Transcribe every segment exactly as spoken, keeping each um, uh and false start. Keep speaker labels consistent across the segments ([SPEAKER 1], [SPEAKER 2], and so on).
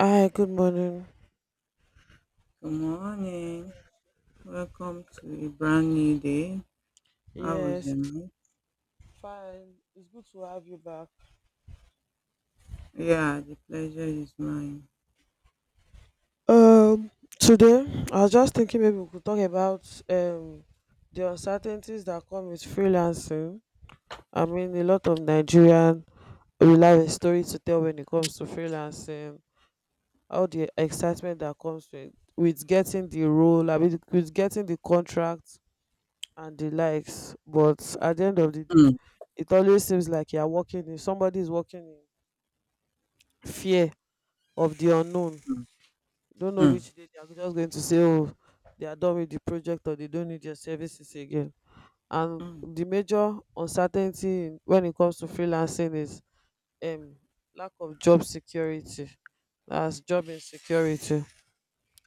[SPEAKER 1] Hi, good morning.
[SPEAKER 2] Good morning. Welcome to a brand new day. How was
[SPEAKER 1] Yes,
[SPEAKER 2] your
[SPEAKER 1] it's
[SPEAKER 2] night?
[SPEAKER 1] fine. It's good to have you back.
[SPEAKER 2] Yeah, the pleasure is mine.
[SPEAKER 1] Um, Today I was just thinking maybe we could talk about um the uncertainties that come with freelancing. I mean, a lot of Nigerian will have a story to tell when it comes to freelancing. All the excitement that comes with with getting the role, I mean, with getting the contract and the likes. But at the end of the day,
[SPEAKER 2] Mm,
[SPEAKER 1] it always seems like you are working in somebody is working in fear of the unknown.
[SPEAKER 2] mm,
[SPEAKER 1] Don't know which day they are just going to say, oh, they are done with the project or they don't need your services again. And
[SPEAKER 2] mm,
[SPEAKER 1] the major uncertainty in- when it comes to freelancing is um, lack of job security. That's job insecurity.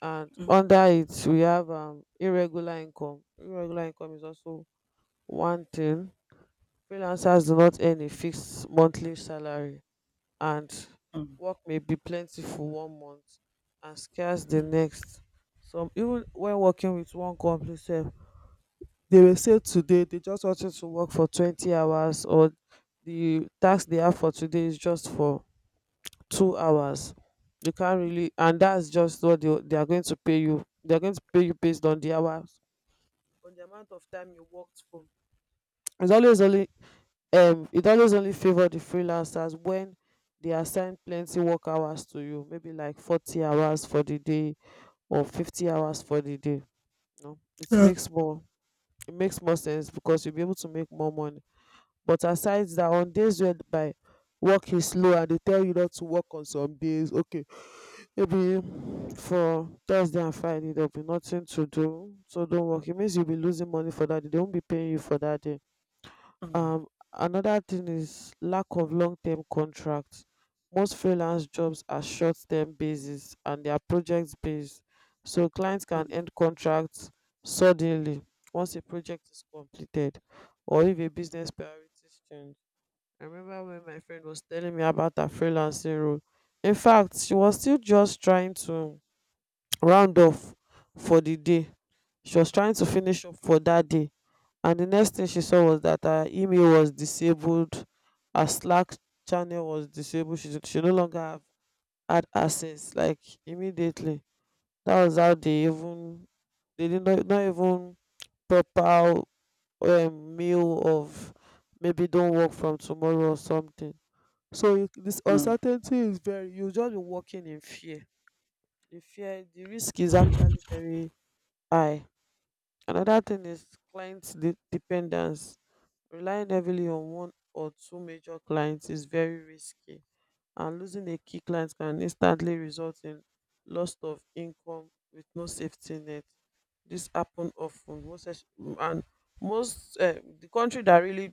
[SPEAKER 1] And
[SPEAKER 2] mm,
[SPEAKER 1] under it, we have um, irregular income. Irregular income is also one thing. Freelancers do not earn a fixed monthly salary, and
[SPEAKER 2] mm,
[SPEAKER 1] work may be plentiful one month and scarce the
[SPEAKER 2] mm,
[SPEAKER 1] next. Some, even when working with one company sef, they will say today they just wanted to work for twenty hours, or the task they have for today is just for two hours. You can't really, and that's just what they, they are going to pay you. They are going to pay you based on the hours, on the amount of time you worked for. it's always only um it always only favor the freelancers when they assign plenty work hours to you, maybe like forty hours for the day or fifty hours for the day. You know, it
[SPEAKER 2] mm,
[SPEAKER 1] makes more it makes more sense because you'll be able to make more money. But aside that, on days where by work is slow and they tell you not to work on some days, okay, maybe for thursday and friday there'll be nothing to do, so don't work. It means you'll be losing money for that day. They won't be paying you for that day.
[SPEAKER 2] mm,
[SPEAKER 1] um Another thing is lack of long-term contracts. Most freelance jobs are short-term basis, and they are project based, so clients can
[SPEAKER 2] mm,
[SPEAKER 1] end contracts suddenly once a project is completed or if a business priorities change. I remember when my friend was telling me about her freelancing role. In fact, she was still just trying to round off for the day. She was trying to finish up for that day, and the next thing she saw was that her email was disabled, her Slack channel was disabled. She she no longer have, had access, like, immediately. That was how they even they did not not even proper um, mail of maybe don't work from tomorrow or something. So you- this
[SPEAKER 2] mm,
[SPEAKER 1] uncertainty is very, you just be working in fear. The fear the risk is actually very high. Another thing is client de- dependence. Relying heavily on one or two major clients is very risky, and losing a key client can instantly result in loss of income with no safety net. This happen often, most es- and most uh, the country that really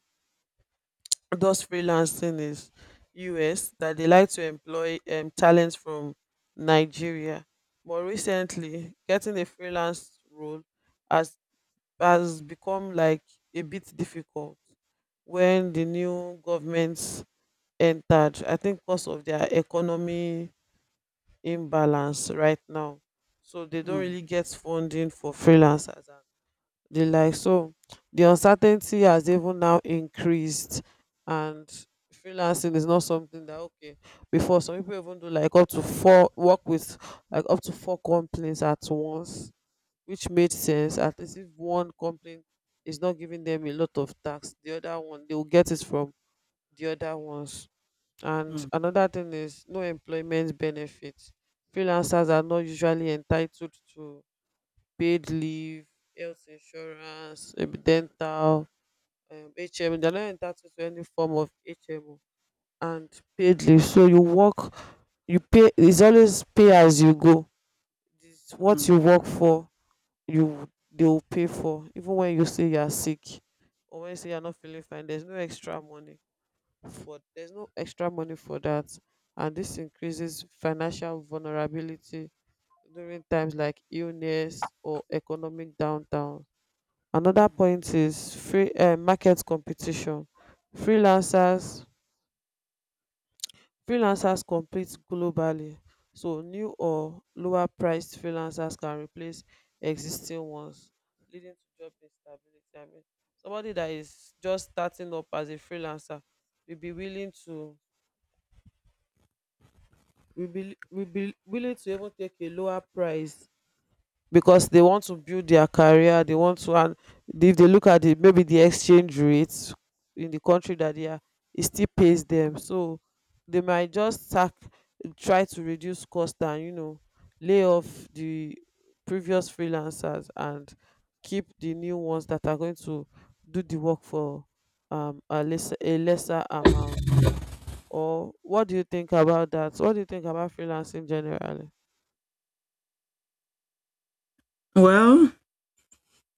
[SPEAKER 1] does freelancing is U S, that they like to employ um, talents from Nigeria. But recently, getting a freelance role has has become like a bit difficult when the new governments entered. I think because of their economy imbalance right now. So they don't
[SPEAKER 2] mm,
[SPEAKER 1] really get funding for freelancers and the like. So the uncertainty has even now increased, and freelancing is not something that okay before some people even do like up to four work with, like, up to four companies at once, which made sense. At least if one company is not giving them a lot of tax, the other one they will get it from, the other ones. And
[SPEAKER 2] mm,
[SPEAKER 1] another thing is no employment benefits. Freelancers are not usually entitled to paid leave, health insurance, maybe dental, um, HMO. They're not entitled to any form of HMO. And paid leave. So you work, you pay. It's always pay as you go. It's what
[SPEAKER 2] mm.
[SPEAKER 1] you work for. You, they will pay for even when you say you are sick, or when you say you're not feeling fine, there's no extra money for there's no extra money for that. And this increases financial vulnerability during times like illness or economic downturn. Another
[SPEAKER 2] Mm.
[SPEAKER 1] point is free uh, market competition. freelancers Freelancers compete globally, so new or lower priced freelancers can replace existing ones, leading to job instability. I mean, somebody that is just starting up as a freelancer will be willing to, will be will be willing to even take a lower price because they want to build their career, they want to. And if they look at it, maybe the exchange rates in the country that they are, it still pays them. So they might just sack, try to reduce cost and, you know, lay off the previous freelancers and keep the new ones that are going to do the work for um a lesser, a lesser amount. Or what do you think about that? What do you think about freelancing generally?
[SPEAKER 2] Well,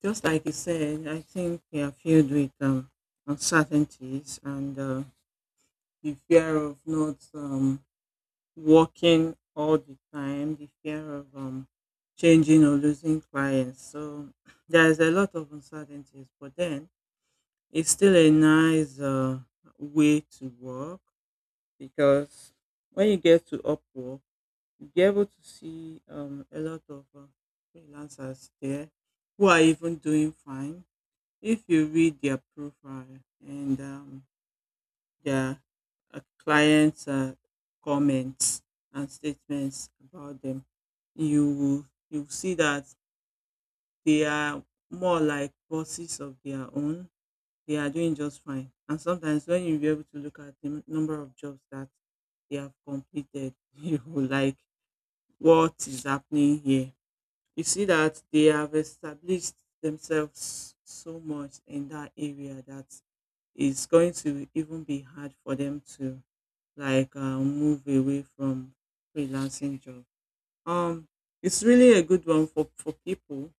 [SPEAKER 2] just like you said, I think we are filled with um, uncertainties, and uh, the fear of not um, working all the time, the fear of um, changing or losing clients. So there's a lot of uncertainties, but then it's still a nice uh, way to work, because when you get to Upwork, you'll be able to see um, a lot of uh, freelancers there who are even doing fine. If you read their profile and um, their uh, clients' uh, comments and statements about them, you will you will see that they are more like bosses of their own. They are doing just fine. And sometimes when you be able to look at the number of jobs that they have completed, you will like, what is happening here. You see that they have established themselves so much in that area that it's going to even be hard for them to like uh, move away from freelancing job. Um, it's really a good one for, for people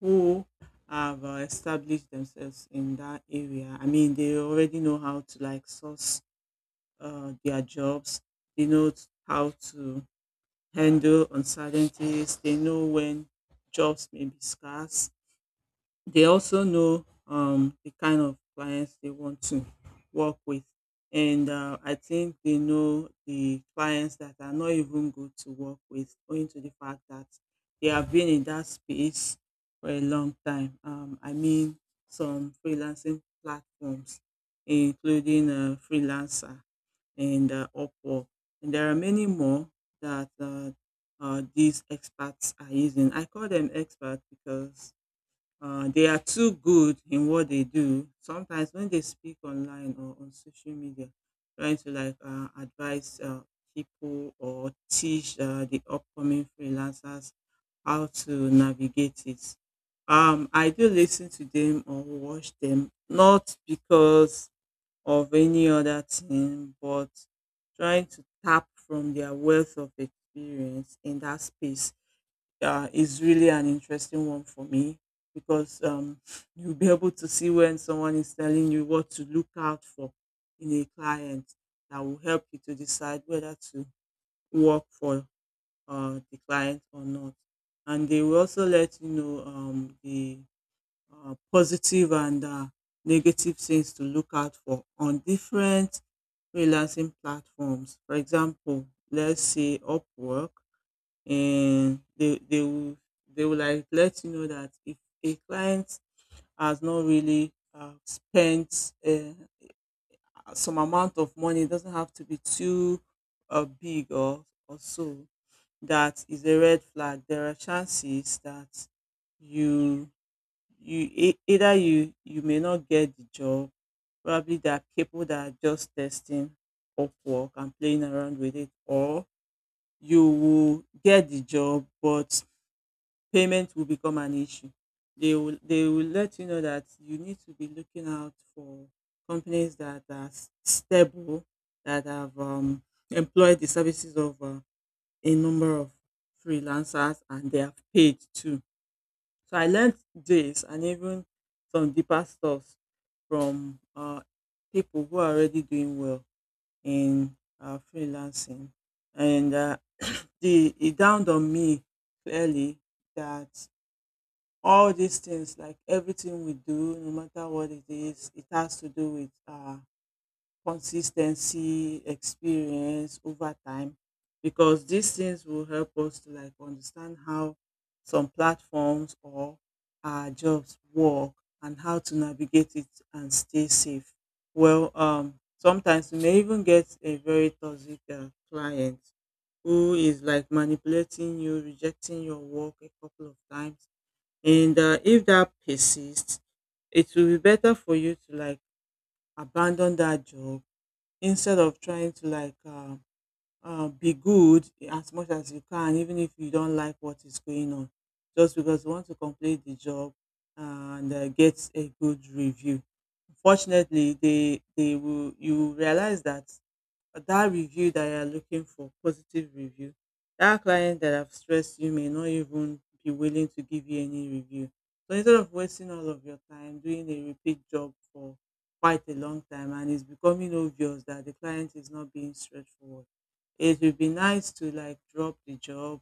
[SPEAKER 2] who have uh, established themselves in that area. I mean, they already know how to like source uh, their jobs. They know t- how to handle uncertainties. They know when jobs may be scarce. They also know um, the kind of clients they want to work with. And uh, I think they know the clients that are not even good to work with, owing to the fact that they have been in that space for a long time. Um, I mean, some freelancing platforms, including uh, Freelancer and uh, Upwork. And there are many more that uh, uh, these experts are using. I call them experts because uh, they are too good in what they do. Sometimes when they speak online or on social media, trying to like uh, advise uh, people or teach uh, the upcoming freelancers how to navigate it. Um, I do listen to them or watch them, not because of any other thing, but trying to tap from their wealth of experience in that space uh, is really an interesting one for me, because um, you'll be able to see when someone is telling you what to look out for in a client that will help you to decide whether to work for uh, the client or not. And they will also let you know um, the uh, positive and uh, negative things to look out for on different freelancing platforms. For example, let's say Upwork, and they they will they will like let you know that if a client has not really uh, spent uh, some amount of money, it doesn't have to be too uh, big, or or so. That is a red flag. There are chances that you you e- either you you may not get the job. Probably there are people that are just testing Upwork and playing around with it, or you will get the job, but payment will become an issue. They will they will let you know that you need to be looking out for companies that are s- stable, that have um, employed the services of uh, a number of freelancers and they have paid too. So I learned this and even some deeper stuff from uh, people who are already doing well in uh, freelancing, and uh, the it dawned on me clearly that all these things, like everything we do, no matter what it is, it has to do with uh consistency, experience over time, because these things will help us to like understand how some platforms or our jobs work and how to navigate it and stay safe. Well, um sometimes you may even get a very toxic uh, client who is like manipulating you, rejecting your work a couple of times, and, uh, if that persists, it will be better for you to like abandon that job instead of trying to like uh, uh, be good as much as you can, even if you don't like what is going on, just because you want to complete the job and uh, get a good review. Unfortunately, they they will you will realize that that review that you're looking for, positive review. That client that have stressed you may not even be willing to give you any review. So instead of wasting all of your time doing a repeat job for quite a long time and it's becoming obvious that the client is not being straightforward, it would be nice to like drop the job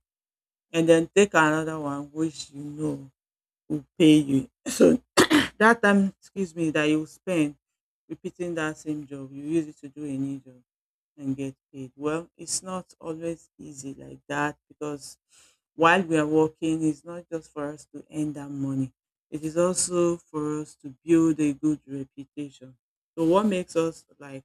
[SPEAKER 2] and then take another one which you know will pay you. So that time, excuse me, that you spend repeating that same job, you use it to do a new job and get paid. Well, it's not always easy like that, because while we are working, it's not just for us to earn that money. It is also for us to build a good reputation. So what makes us like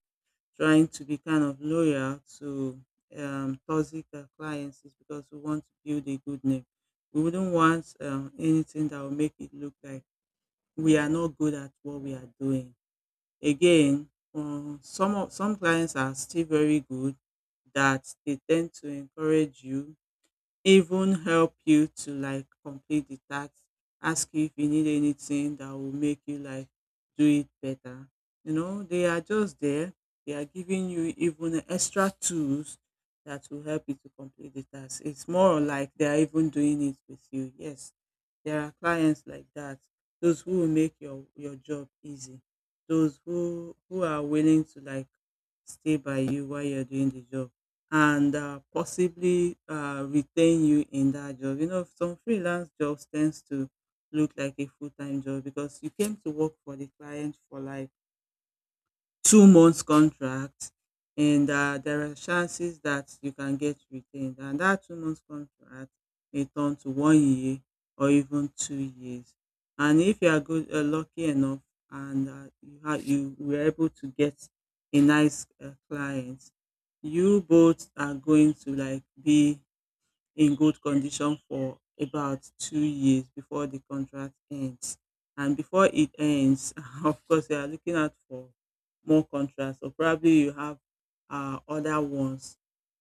[SPEAKER 2] trying to be kind of loyal to um, toxic uh, clients is because we want to build a good name. We wouldn't want um, anything that will make it look like we are not good at what we are doing. Again, um, some of some clients are still very good, that they tend to encourage you, even help you to like complete the task, ask you if you need anything that will make you like do it better. You know, they are just there. They are giving you even extra tools that will help you to complete the task. It's more like they are even doing it with you. Yes, there are clients like that, those who will make your your job easy, those who who are willing to like stay by you while you're doing the job and uh, possibly uh, retain you in that job. You know, some freelance jobs tends to look like a full time job, because you came to work for the client for life two months contract, and uh, there are chances that you can get retained, and that two months contract may turn to one year, or even two years. And if you are good, uh, lucky enough, and uh, you, ha- you were able to get a nice uh, client, you both are going to like be in good condition for about two years before the contract ends. And before it ends, of course, you are looking out for more contracts, or probably you have uh, other ones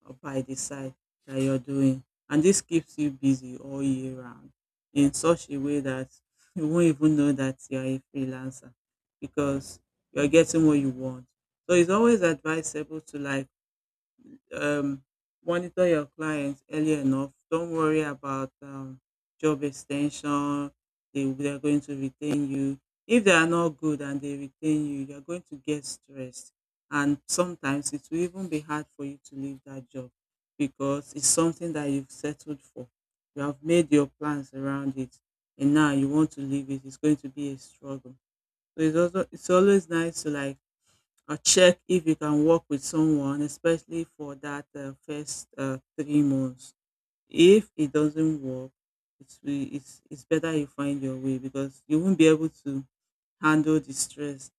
[SPEAKER 2] uh, by the side that you're doing. And this keeps you busy all year round in such a way that you won't even know that you're a freelancer, because you're getting what you want. So it's always advisable to like um, monitor your clients early enough. Don't worry about um, job extension. They, they are going to retain you. If they are not good and they retain you, you are going to get stressed. And sometimes it will even be hard for you to leave that job, because it's something that you've settled for. You have made your plans around it, and now you want to leave it. It's going to be a struggle. So it's also, it's always nice to like or check if you can work with someone, especially for that uh, first uh, three months. If it doesn't work, it's, we- it's, it's better you find your way, because you won't be able to handle the stress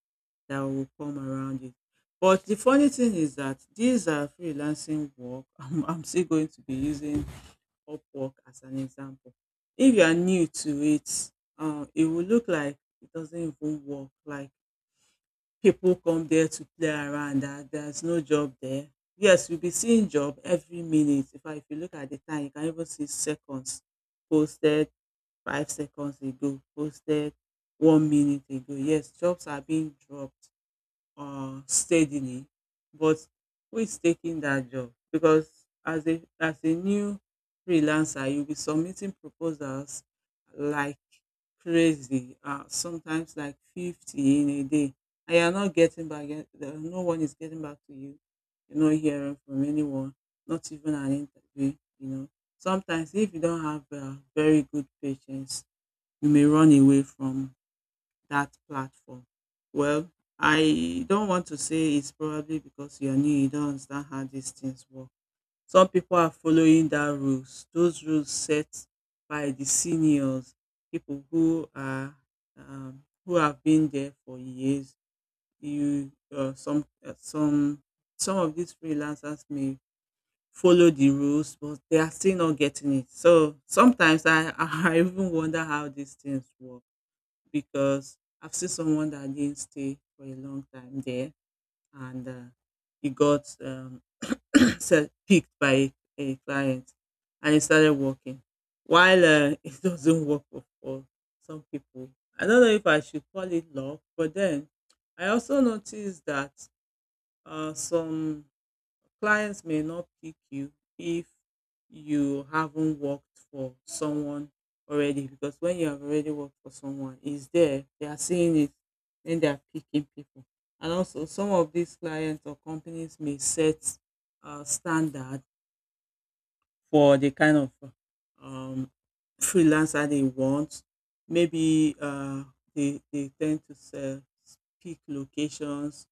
[SPEAKER 2] that will come around it. But the funny thing is that these are freelancing work. I'm, I'm still going to be using Upwork as an example. If you are new to it, uh, it will look like it doesn't even work. Like, people come there to play around and there's no job there. Yes, you'll be seeing job every minute. In fact, if you look at the time, you can even see seconds, posted five seconds ago, posted one minute ago. Yes, jobs are being dropped, uh, steadily, but who is taking that job? Because as a as a new freelancer, you'll be submitting proposals like crazy, uh, sometimes like fifty in a day, and you're not getting back. yet- there- No one is getting back to you. You're not hearing from anyone, not even an interview. You know, sometimes if you don't have uh, very good patience, you may run away from that platform. Well, I don't want to say it's probably because you're new, you don't understand how these things work. Some people are following that rules, those rules set by the seniors, people who are um, who have been there for years. You uh, some uh, some some of these freelancers may follow the rules, but they are still not getting it. So sometimes I I even wonder how these things work because I've seen someone that didn't stay for a long time there and uh, he got um, se- picked by a client and he started working. While uh, it doesn't work for, for some people. I don't know if I should call it luck, but then I also noticed that uh, some clients may not pick you if you haven't worked for someone already, because when you have already worked for someone, it's there. They are seeing it, then they are picking people. And also, some of these clients or companies may set uh, standards for the kind of um, freelancer they want. Maybe uh, they, they tend to sell peak locations,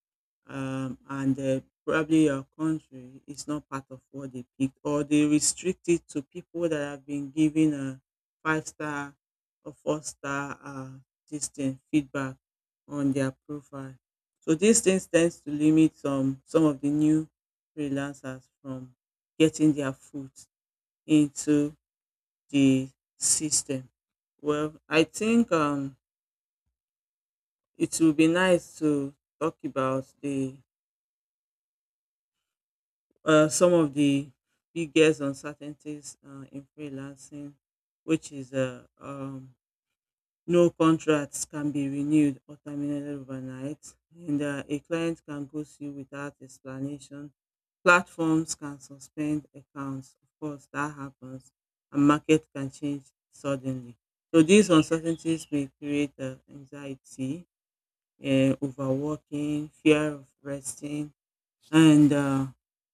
[SPEAKER 2] um, and uh, probably your country is not part of what they picked, or they restrict it to people that have been given a five star or four star uh, this thing, feedback on their profile. So these things tends to limit some some of the new freelancers from getting their foot into the system. Well, I think um, it will be nice to talk about the uh, some of the biggest uncertainties uh, in freelancing, which is uh, um, no contracts can be renewed or terminated overnight, and uh, a client can ghost you without explanation. Platforms can suspend accounts, of course that happens, and market can change suddenly. So these uncertainties may create uh, anxiety, uh, overworking, fear of resting, and uh,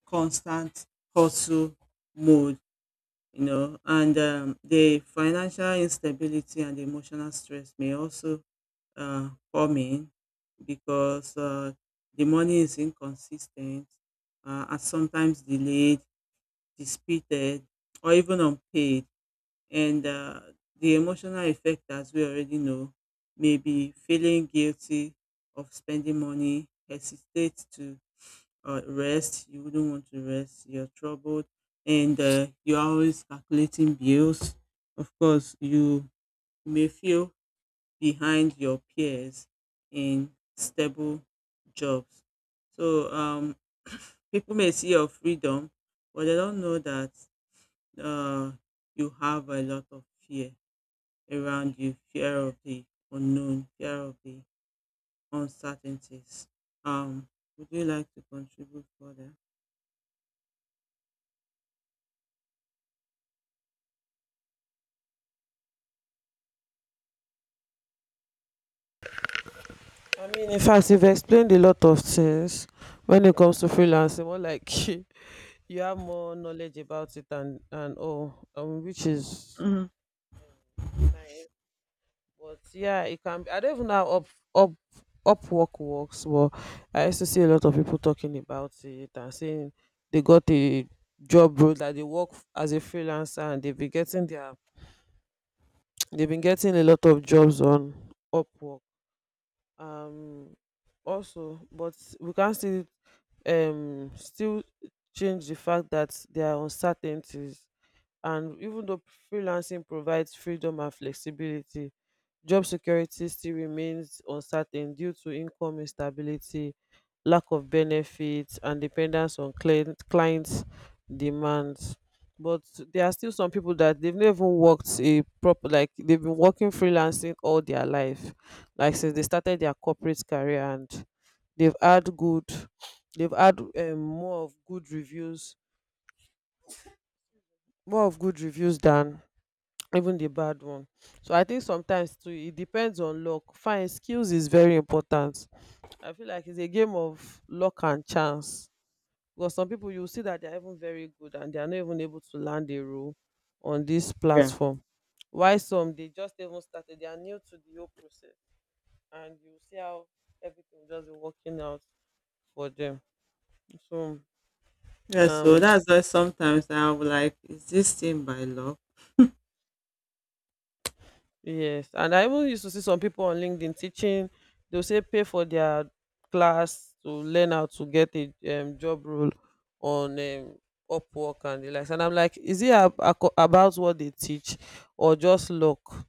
[SPEAKER 2] constant hustle mode. You know, and um, The financial instability and emotional stress may also uh, come in because uh, the money is inconsistent, uh, and sometimes delayed, disputed, or even unpaid. And uh, the emotional effect, as we already know, may be feeling guilty of spending money, hesitate to uh, rest, you wouldn't want to rest, you're troubled, and uh, you're always calculating bills. Of course, you may feel behind your peers in stable jobs. So um, people may see your freedom, but they don't know that uh, you have a lot of fear around you, fear of the unknown, fear of the uncertainties. um would you like to contribute further?
[SPEAKER 1] I mean, in fact, you've explained a lot of things when it comes to freelancing. More like you have more knowledge about it and and all, um, which is
[SPEAKER 2] Mhm.
[SPEAKER 1] um, nice. But yeah, it can. Be, I don't even know how up up Upwork works, but I used to see a lot of people talking about it and saying they got a job role that they work f- as a freelancer, and they've been getting their they've been getting a lot of jobs on Upwork. Um, Also, but we can't still um still change the fact that there are uncertainties, and even though freelancing provides freedom and flexibility, job security still remains uncertain due to income instability, lack of benefits, and dependence on client clients demands. But there are still some people that they've never worked a proper, like they've been working freelancing all their life, like since they started their corporate career. And they've had good they've had um, more of good reviews, more of good reviews than even the bad one. So I think sometimes too it depends on luck. Fine, skills is very important. I feel like it's a game of luck and chance, because some people you see that they're even very good and they are not even able to land a role on this
[SPEAKER 2] Yeah.
[SPEAKER 1] platform, why some they just even started, they are new to the whole process, and you see how everything will just be working out for them. So
[SPEAKER 2] Yeah, so
[SPEAKER 1] um
[SPEAKER 2] that's why sometimes I'm like, is this thing by law?
[SPEAKER 1] yes, and I even used to see some people on LinkedIn teaching. They'll say pay for their class to learn how to get a um, job role on um, Upwork and the likes. And I'm like, is it ab- aco- about what they teach or just luck?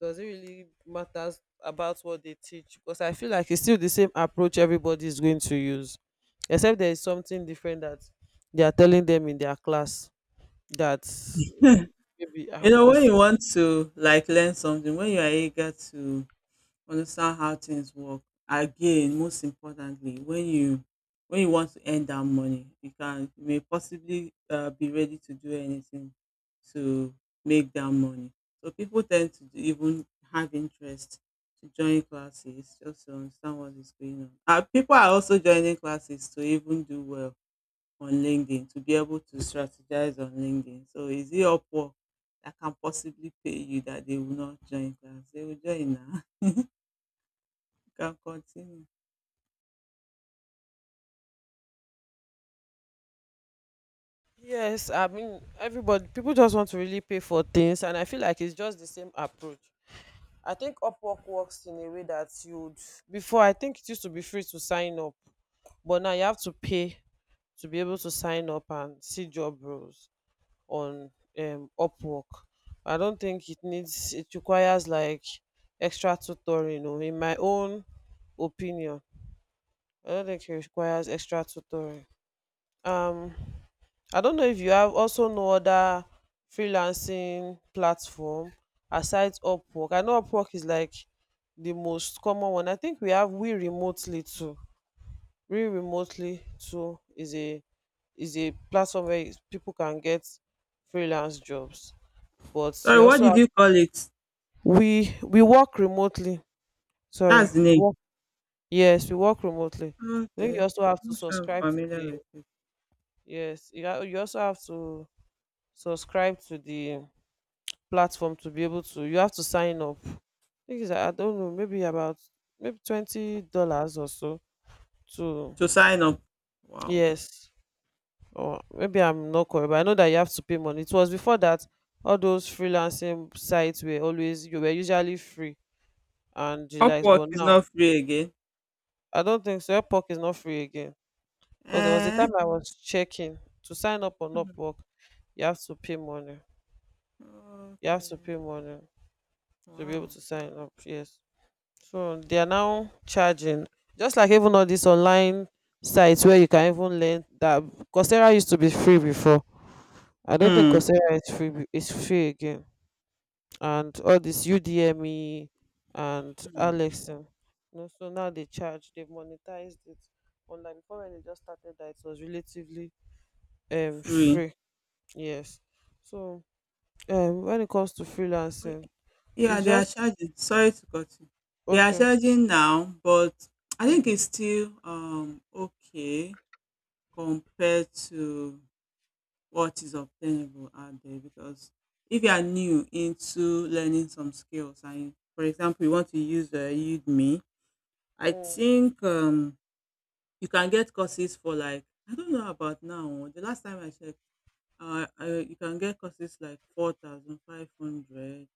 [SPEAKER 1] Does it really matters about what they teach? Because I feel like it's still the same approach everybody is going to use, except there is something different that they are telling them in their class that
[SPEAKER 2] You
[SPEAKER 1] maybe uh,
[SPEAKER 2] know, when
[SPEAKER 1] was
[SPEAKER 2] you want to like learn something, when you are eager to understand how things work. Again, most importantly, when you when you want to earn that money, you can, you may possibly uh, be ready to do anything to make that money. So people tend to even have interest to join classes just to understand what is going on. Uh, people are also joining classes to even do well on LinkedIn, to be able to strategize on LinkedIn. So is it Upwork that can possibly pay you that they will not join class? They will join now. Can continue.
[SPEAKER 1] yes, I mean everybody, people just want to really pay for things, and I feel like it's just the same approach. I think Upwork works in a way that you'd before, I think it used to be free to sign up, but now you have to pay to be able to sign up and see job roles on um Upwork. I don't think it needs it requires like extra tutoring, or in my own opinion, I don't think it requires extra tutoring. Um I don't know if you have also know other freelancing platform aside Upwork. I know Upwork is like the most common one. I think we have We Remotely too. We Remotely too is a is a platform where is- people can get freelance jobs. But
[SPEAKER 2] Sorry,
[SPEAKER 1] you
[SPEAKER 2] what
[SPEAKER 1] also
[SPEAKER 2] did
[SPEAKER 1] have
[SPEAKER 2] you call it?
[SPEAKER 1] we we work remotely. Sorry,
[SPEAKER 2] That's the
[SPEAKER 1] we
[SPEAKER 2] name.
[SPEAKER 1] work. Yes, we work remotely. I think you
[SPEAKER 2] Okay.
[SPEAKER 1] also have to
[SPEAKER 2] I'm sure I'm
[SPEAKER 1] subscribe to
[SPEAKER 2] familiar
[SPEAKER 1] the
[SPEAKER 2] with it.
[SPEAKER 1] yes. You, ha- you also have to subscribe to the platform to be able to, you have to sign up. I think it's, I don't know, maybe about maybe twenty dollars or so to
[SPEAKER 2] To sign up. Wow.
[SPEAKER 1] yes. Or maybe I'm not correct, but I know that you have to pay money. It was before that all those freelancing sites were always, you were usually free and the likes,
[SPEAKER 2] Upwork
[SPEAKER 1] but
[SPEAKER 2] is
[SPEAKER 1] now
[SPEAKER 2] not free again.
[SPEAKER 1] I don't think so. Upwork is not free again. Because there was a
[SPEAKER 2] Eh?
[SPEAKER 1] time I was checking to sign up on
[SPEAKER 2] Hmm.
[SPEAKER 1] Upwork, you have to pay money. You have to
[SPEAKER 2] Okay.
[SPEAKER 1] pay money to be able
[SPEAKER 2] Wow.
[SPEAKER 1] to sign up. Yes. So they are now charging. Just like even all these online sites where you can even learn that Coursera used to be free before. I don't think
[SPEAKER 2] Hmm.
[SPEAKER 1] Coursera is free be- is free again. And all this Udemy and
[SPEAKER 2] Hmm.
[SPEAKER 1] Alexin. No, so now they charge, they've monetized it. Online before when they just started that, it was relatively um
[SPEAKER 2] Free.
[SPEAKER 1] free. Yes. So um when it comes to freelancing,
[SPEAKER 2] Yeah,
[SPEAKER 1] it's
[SPEAKER 2] they are
[SPEAKER 1] just
[SPEAKER 2] charging. Sorry to cut you. They are
[SPEAKER 1] okay.
[SPEAKER 2] charging now, but I think it's still um okay compared to what is obtainable out there, because if you are new into learning some skills and for example you want to use uh, Udemy, I
[SPEAKER 1] Mm.
[SPEAKER 2] think um, you can get courses for like, I don't know about now, the last time I checked, uh, uh, you can get courses like four thousand five hundred,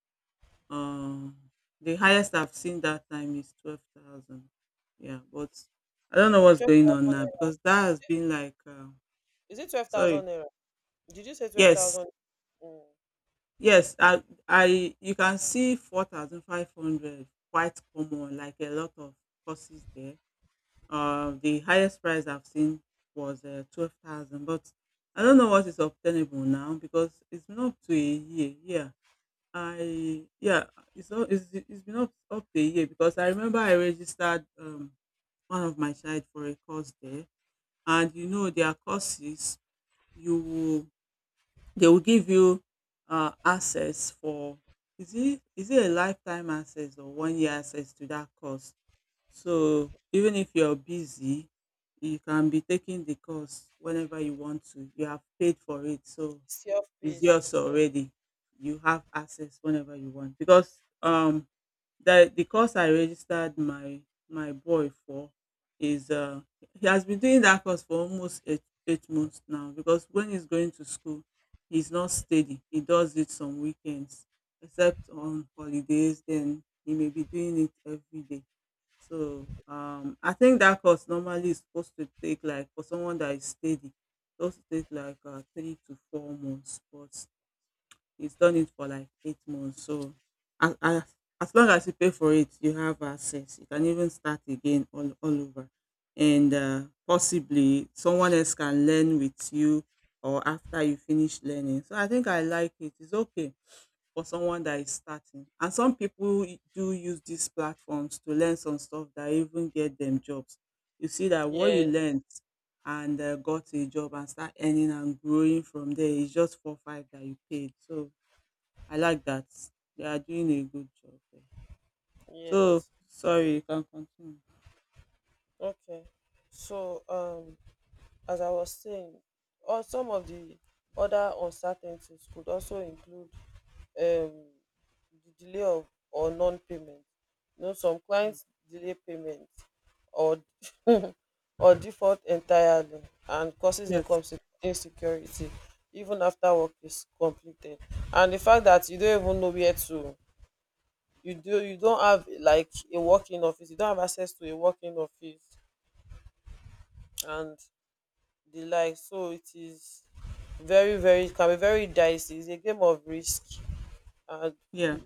[SPEAKER 2] um, the highest I've seen that time is twelve thousand. Yeah, but I don't know what's
[SPEAKER 1] Twelve
[SPEAKER 2] going on
[SPEAKER 1] thousand
[SPEAKER 2] now
[SPEAKER 1] naira.
[SPEAKER 2] because that has been like uh,
[SPEAKER 1] Is it twelve
[SPEAKER 2] sorry?
[SPEAKER 1] thousand naira? Did you say
[SPEAKER 2] Yes.
[SPEAKER 1] twelve thousand? Mm.
[SPEAKER 2] Yes, I I you can see four thousand five hundred quite common, like a lot of courses there. Uh, the highest price I've seen was uh, twelve thousand, but I don't know what is obtainable now because it's been up to a year. Yeah, I, yeah, it's not it's, it's been up, up to a year because I remember I registered um one of my child for a course there, and you know their courses, you will, they will give you uh, access for, is it is it a lifetime access or one year access to that course? So even if you're busy, you can be taking the course whenever you want to. You have paid for it, so it's
[SPEAKER 1] Self-paced.
[SPEAKER 2] yours already. You have access whenever you want, because um the the course I registered my my boy for is uh, he has been doing that course for almost eight, eight months now, because when he's going to school, he's not steady. He does it some weekends, except on holidays. Then he may be doing it every day. So um, I think that course normally is supposed to take like, for someone that is steady, it's supposed to take like uh, three to four months, but he's done it for like eight months. So as as as long as you pay for it, you have access. You can even start again all all over. And uh, possibly someone else can learn with you or after you finish learning. So I think I like it. It's okay for someone that is starting. And some people do use these platforms to learn some stuff that even get them jobs. You see that what you
[SPEAKER 1] Yes,
[SPEAKER 2] learned and uh, got a job and start earning and growing from there is just four five that you paid. So I like that. They are doing a good job there. So
[SPEAKER 1] yes.
[SPEAKER 2] sorry, you can continue.
[SPEAKER 1] Okay. So, um, as I was saying, or some of the other uncertainties could also include um, the delay of or non-payment. You know, some
[SPEAKER 2] Mm.
[SPEAKER 1] clients delay payment or or default entirely and causes
[SPEAKER 2] Yes.
[SPEAKER 1] income se- insecurity even after work is completed. And the fact that you don't even know where to you do you don't have like a working office, you don't have access to a working office and the like. So it is very, very, it can be very dicey. It's a game of risk, and
[SPEAKER 2] Yeah.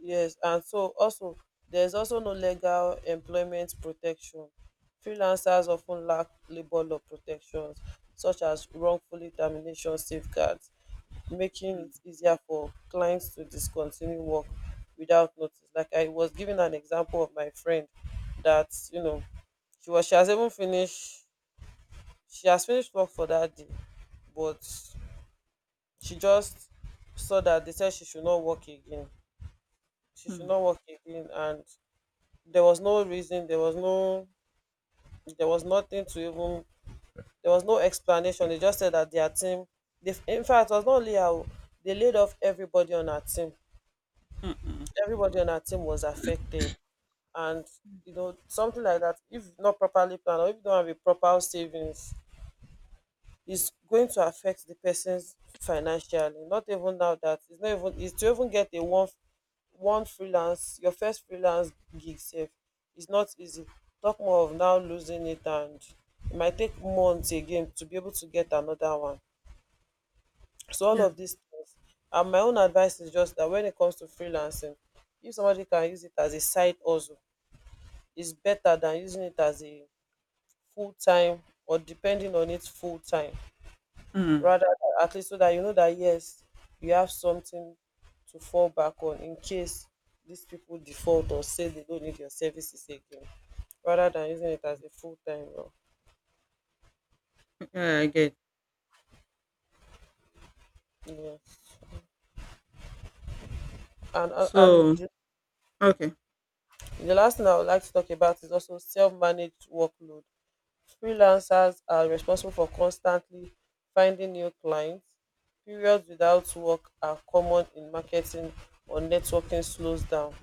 [SPEAKER 1] yes, and so also, there's also no legal employment protection. Freelancers of ten lack labour law protections such as wrongfully termination safeguards, making
[SPEAKER 2] Mm.
[SPEAKER 1] it easier for clients to discontinue work without notice. Like I was giving an example of my friend that, you know, she was she has even finished she has finished work for that day, but she just saw that they said she should not work again. She should
[SPEAKER 2] Mm.
[SPEAKER 1] not work again, and there was no reason, there was no there was nothing to even there was no explanation. They just said that their team they, in fact it was not only her. Oh, they laid off everybody on her team.
[SPEAKER 2] Mm-mm.
[SPEAKER 1] Everybody on our team was affected, and you know, something like that, if not properly planned, or if you don't have a proper savings, it's going to affect the person's financially. Not even now that it's not even, it's to even get a one one freelance, your first freelance gig safe, it's not easy, talk more of now losing it, and it might take months again to be able to get another one. So all
[SPEAKER 2] Yeah.
[SPEAKER 1] of these things, and my own advice is just that when it comes to freelancing, if somebody can use it as a side hustle is better than using it as a full time or depending on it full time,
[SPEAKER 2] Mm.
[SPEAKER 1] rather than, at least so that you know that, yes, you have something to fall back on in case these people default or say they don't need your services again, rather than using it as a full time role.
[SPEAKER 2] Yeah, I get.
[SPEAKER 1] Yeah. And and, and
[SPEAKER 2] So
[SPEAKER 1] the,
[SPEAKER 2] okay.
[SPEAKER 1] the last thing I would like to talk about is also self managed workload. Freelancers are responsible for constantly finding new clients. Periods without work are common in marketing or networking slows down.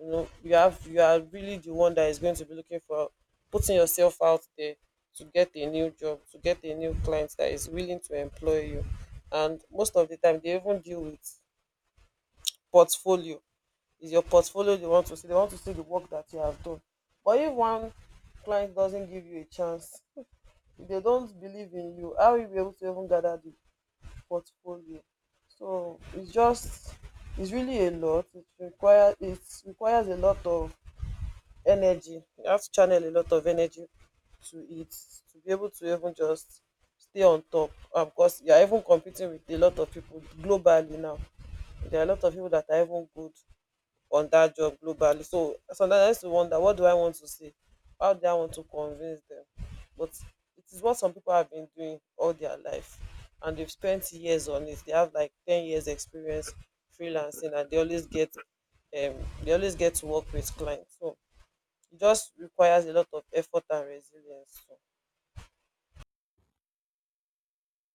[SPEAKER 1] You know, you have, you are really the one that is going to be looking for, putting yourself out there to get a new job, to get a new client that is willing to employ you. And most of the time they even deal with portfolio. Is your portfolio they want to see, they want to see the work that you have done. But if one client doesn't give you a chance, if they don't believe in you, how will you be able to even gather the portfolio? So it's just, it's really a lot. It requires it requires a lot of energy. You have to channel a lot of energy to it to be able to even just stay on top. Um, because you are even competing with a lot of people globally now. There are a lot of people that are even good on that job globally. So sometimes I used to wonder, what do I want to say? How do I want to convince them? But it is what some people have been doing all their life, and they've spent years on it. They have like ten years experience freelancing, and they always get um they always get to work with clients. So it just requires a lot of effort and resilience. So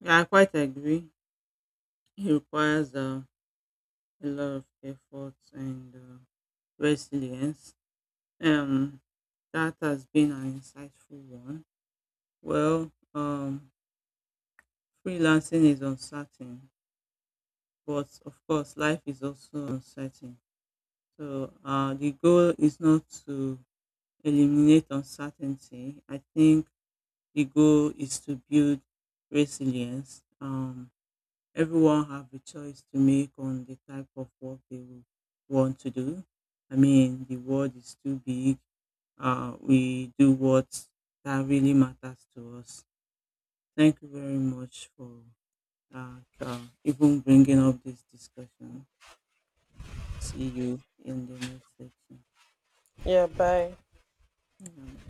[SPEAKER 2] Yeah, I quite agree. It requires uh, a lot of effort and uh, resilience. Um, that has been an insightful one. Well, um, freelancing is uncertain, but of course, life is also uncertain. So uh, the goal is not to eliminate uncertainty. I think the goal is to build resilience. Um, everyone have a choice to make on the type of work they will want to do. I mean, the world is too big. Uh, we do what that really matters to us. Thank you very much for uh, uh, even bringing up this discussion. See you in the next section.
[SPEAKER 1] yeah, bye.
[SPEAKER 2] Bye-bye.